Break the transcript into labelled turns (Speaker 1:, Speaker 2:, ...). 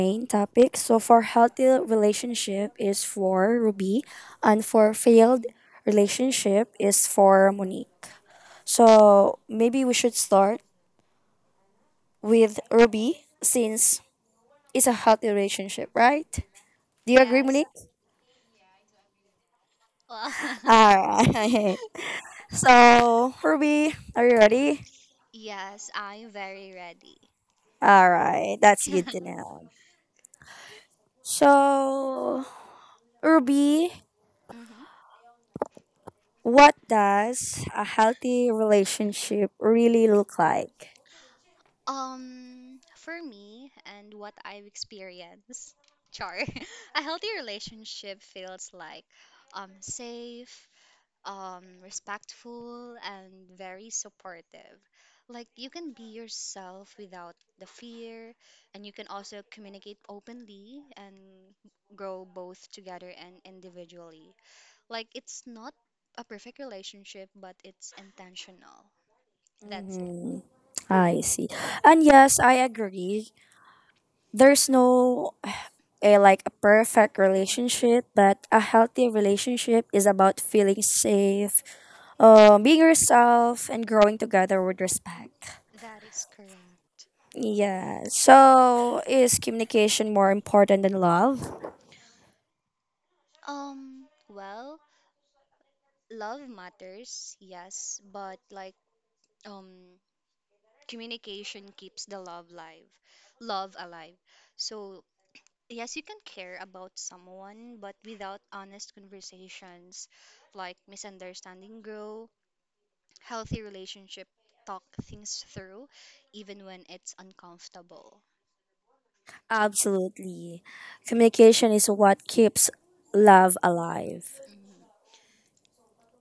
Speaker 1: main topic. So for healthy relationship is for Ruby and for failed relationship is for Monique. So maybe we should start with Ruby since it's a healthy relationship, right? Do you agree,
Speaker 2: Yes.
Speaker 1: Monique?
Speaker 2: Well,
Speaker 1: Alright. So Ruby, are you ready?
Speaker 2: yes, I'm very ready.
Speaker 1: Alright, that's good
Speaker 2: That's
Speaker 1: to know. So Ruby,
Speaker 2: hmm
Speaker 1: what does a healthy relationship really look like?
Speaker 2: For me and what I've experienced, char, a healthy relationship feels like safe, respectful, and very supportive. Like you can be yourself without the fear, and you can also communicate openly and grow both together and individually. Like it's not a perfect relationship, but it's intentional. That's it.
Speaker 1: Hmm, I see. And yes, I agree. There's no a, like a perfect
Speaker 2: Mhm.
Speaker 1: relationship, but a healthy relationship is about feeling safe, being yourself, and growing together with respect.
Speaker 2: That is correct.
Speaker 1: Yeah. So, is communication more important than love?
Speaker 2: Well, love matters, yes, but like um communication keeps the love alive. Love alive. So, yes, you can care about someone, but without honest conversations, like misunderstanding grow, healthy relationship talk things through even when it's uncomfortable.
Speaker 1: Absolutely. Communication is what keeps love alive.
Speaker 2: Mhm.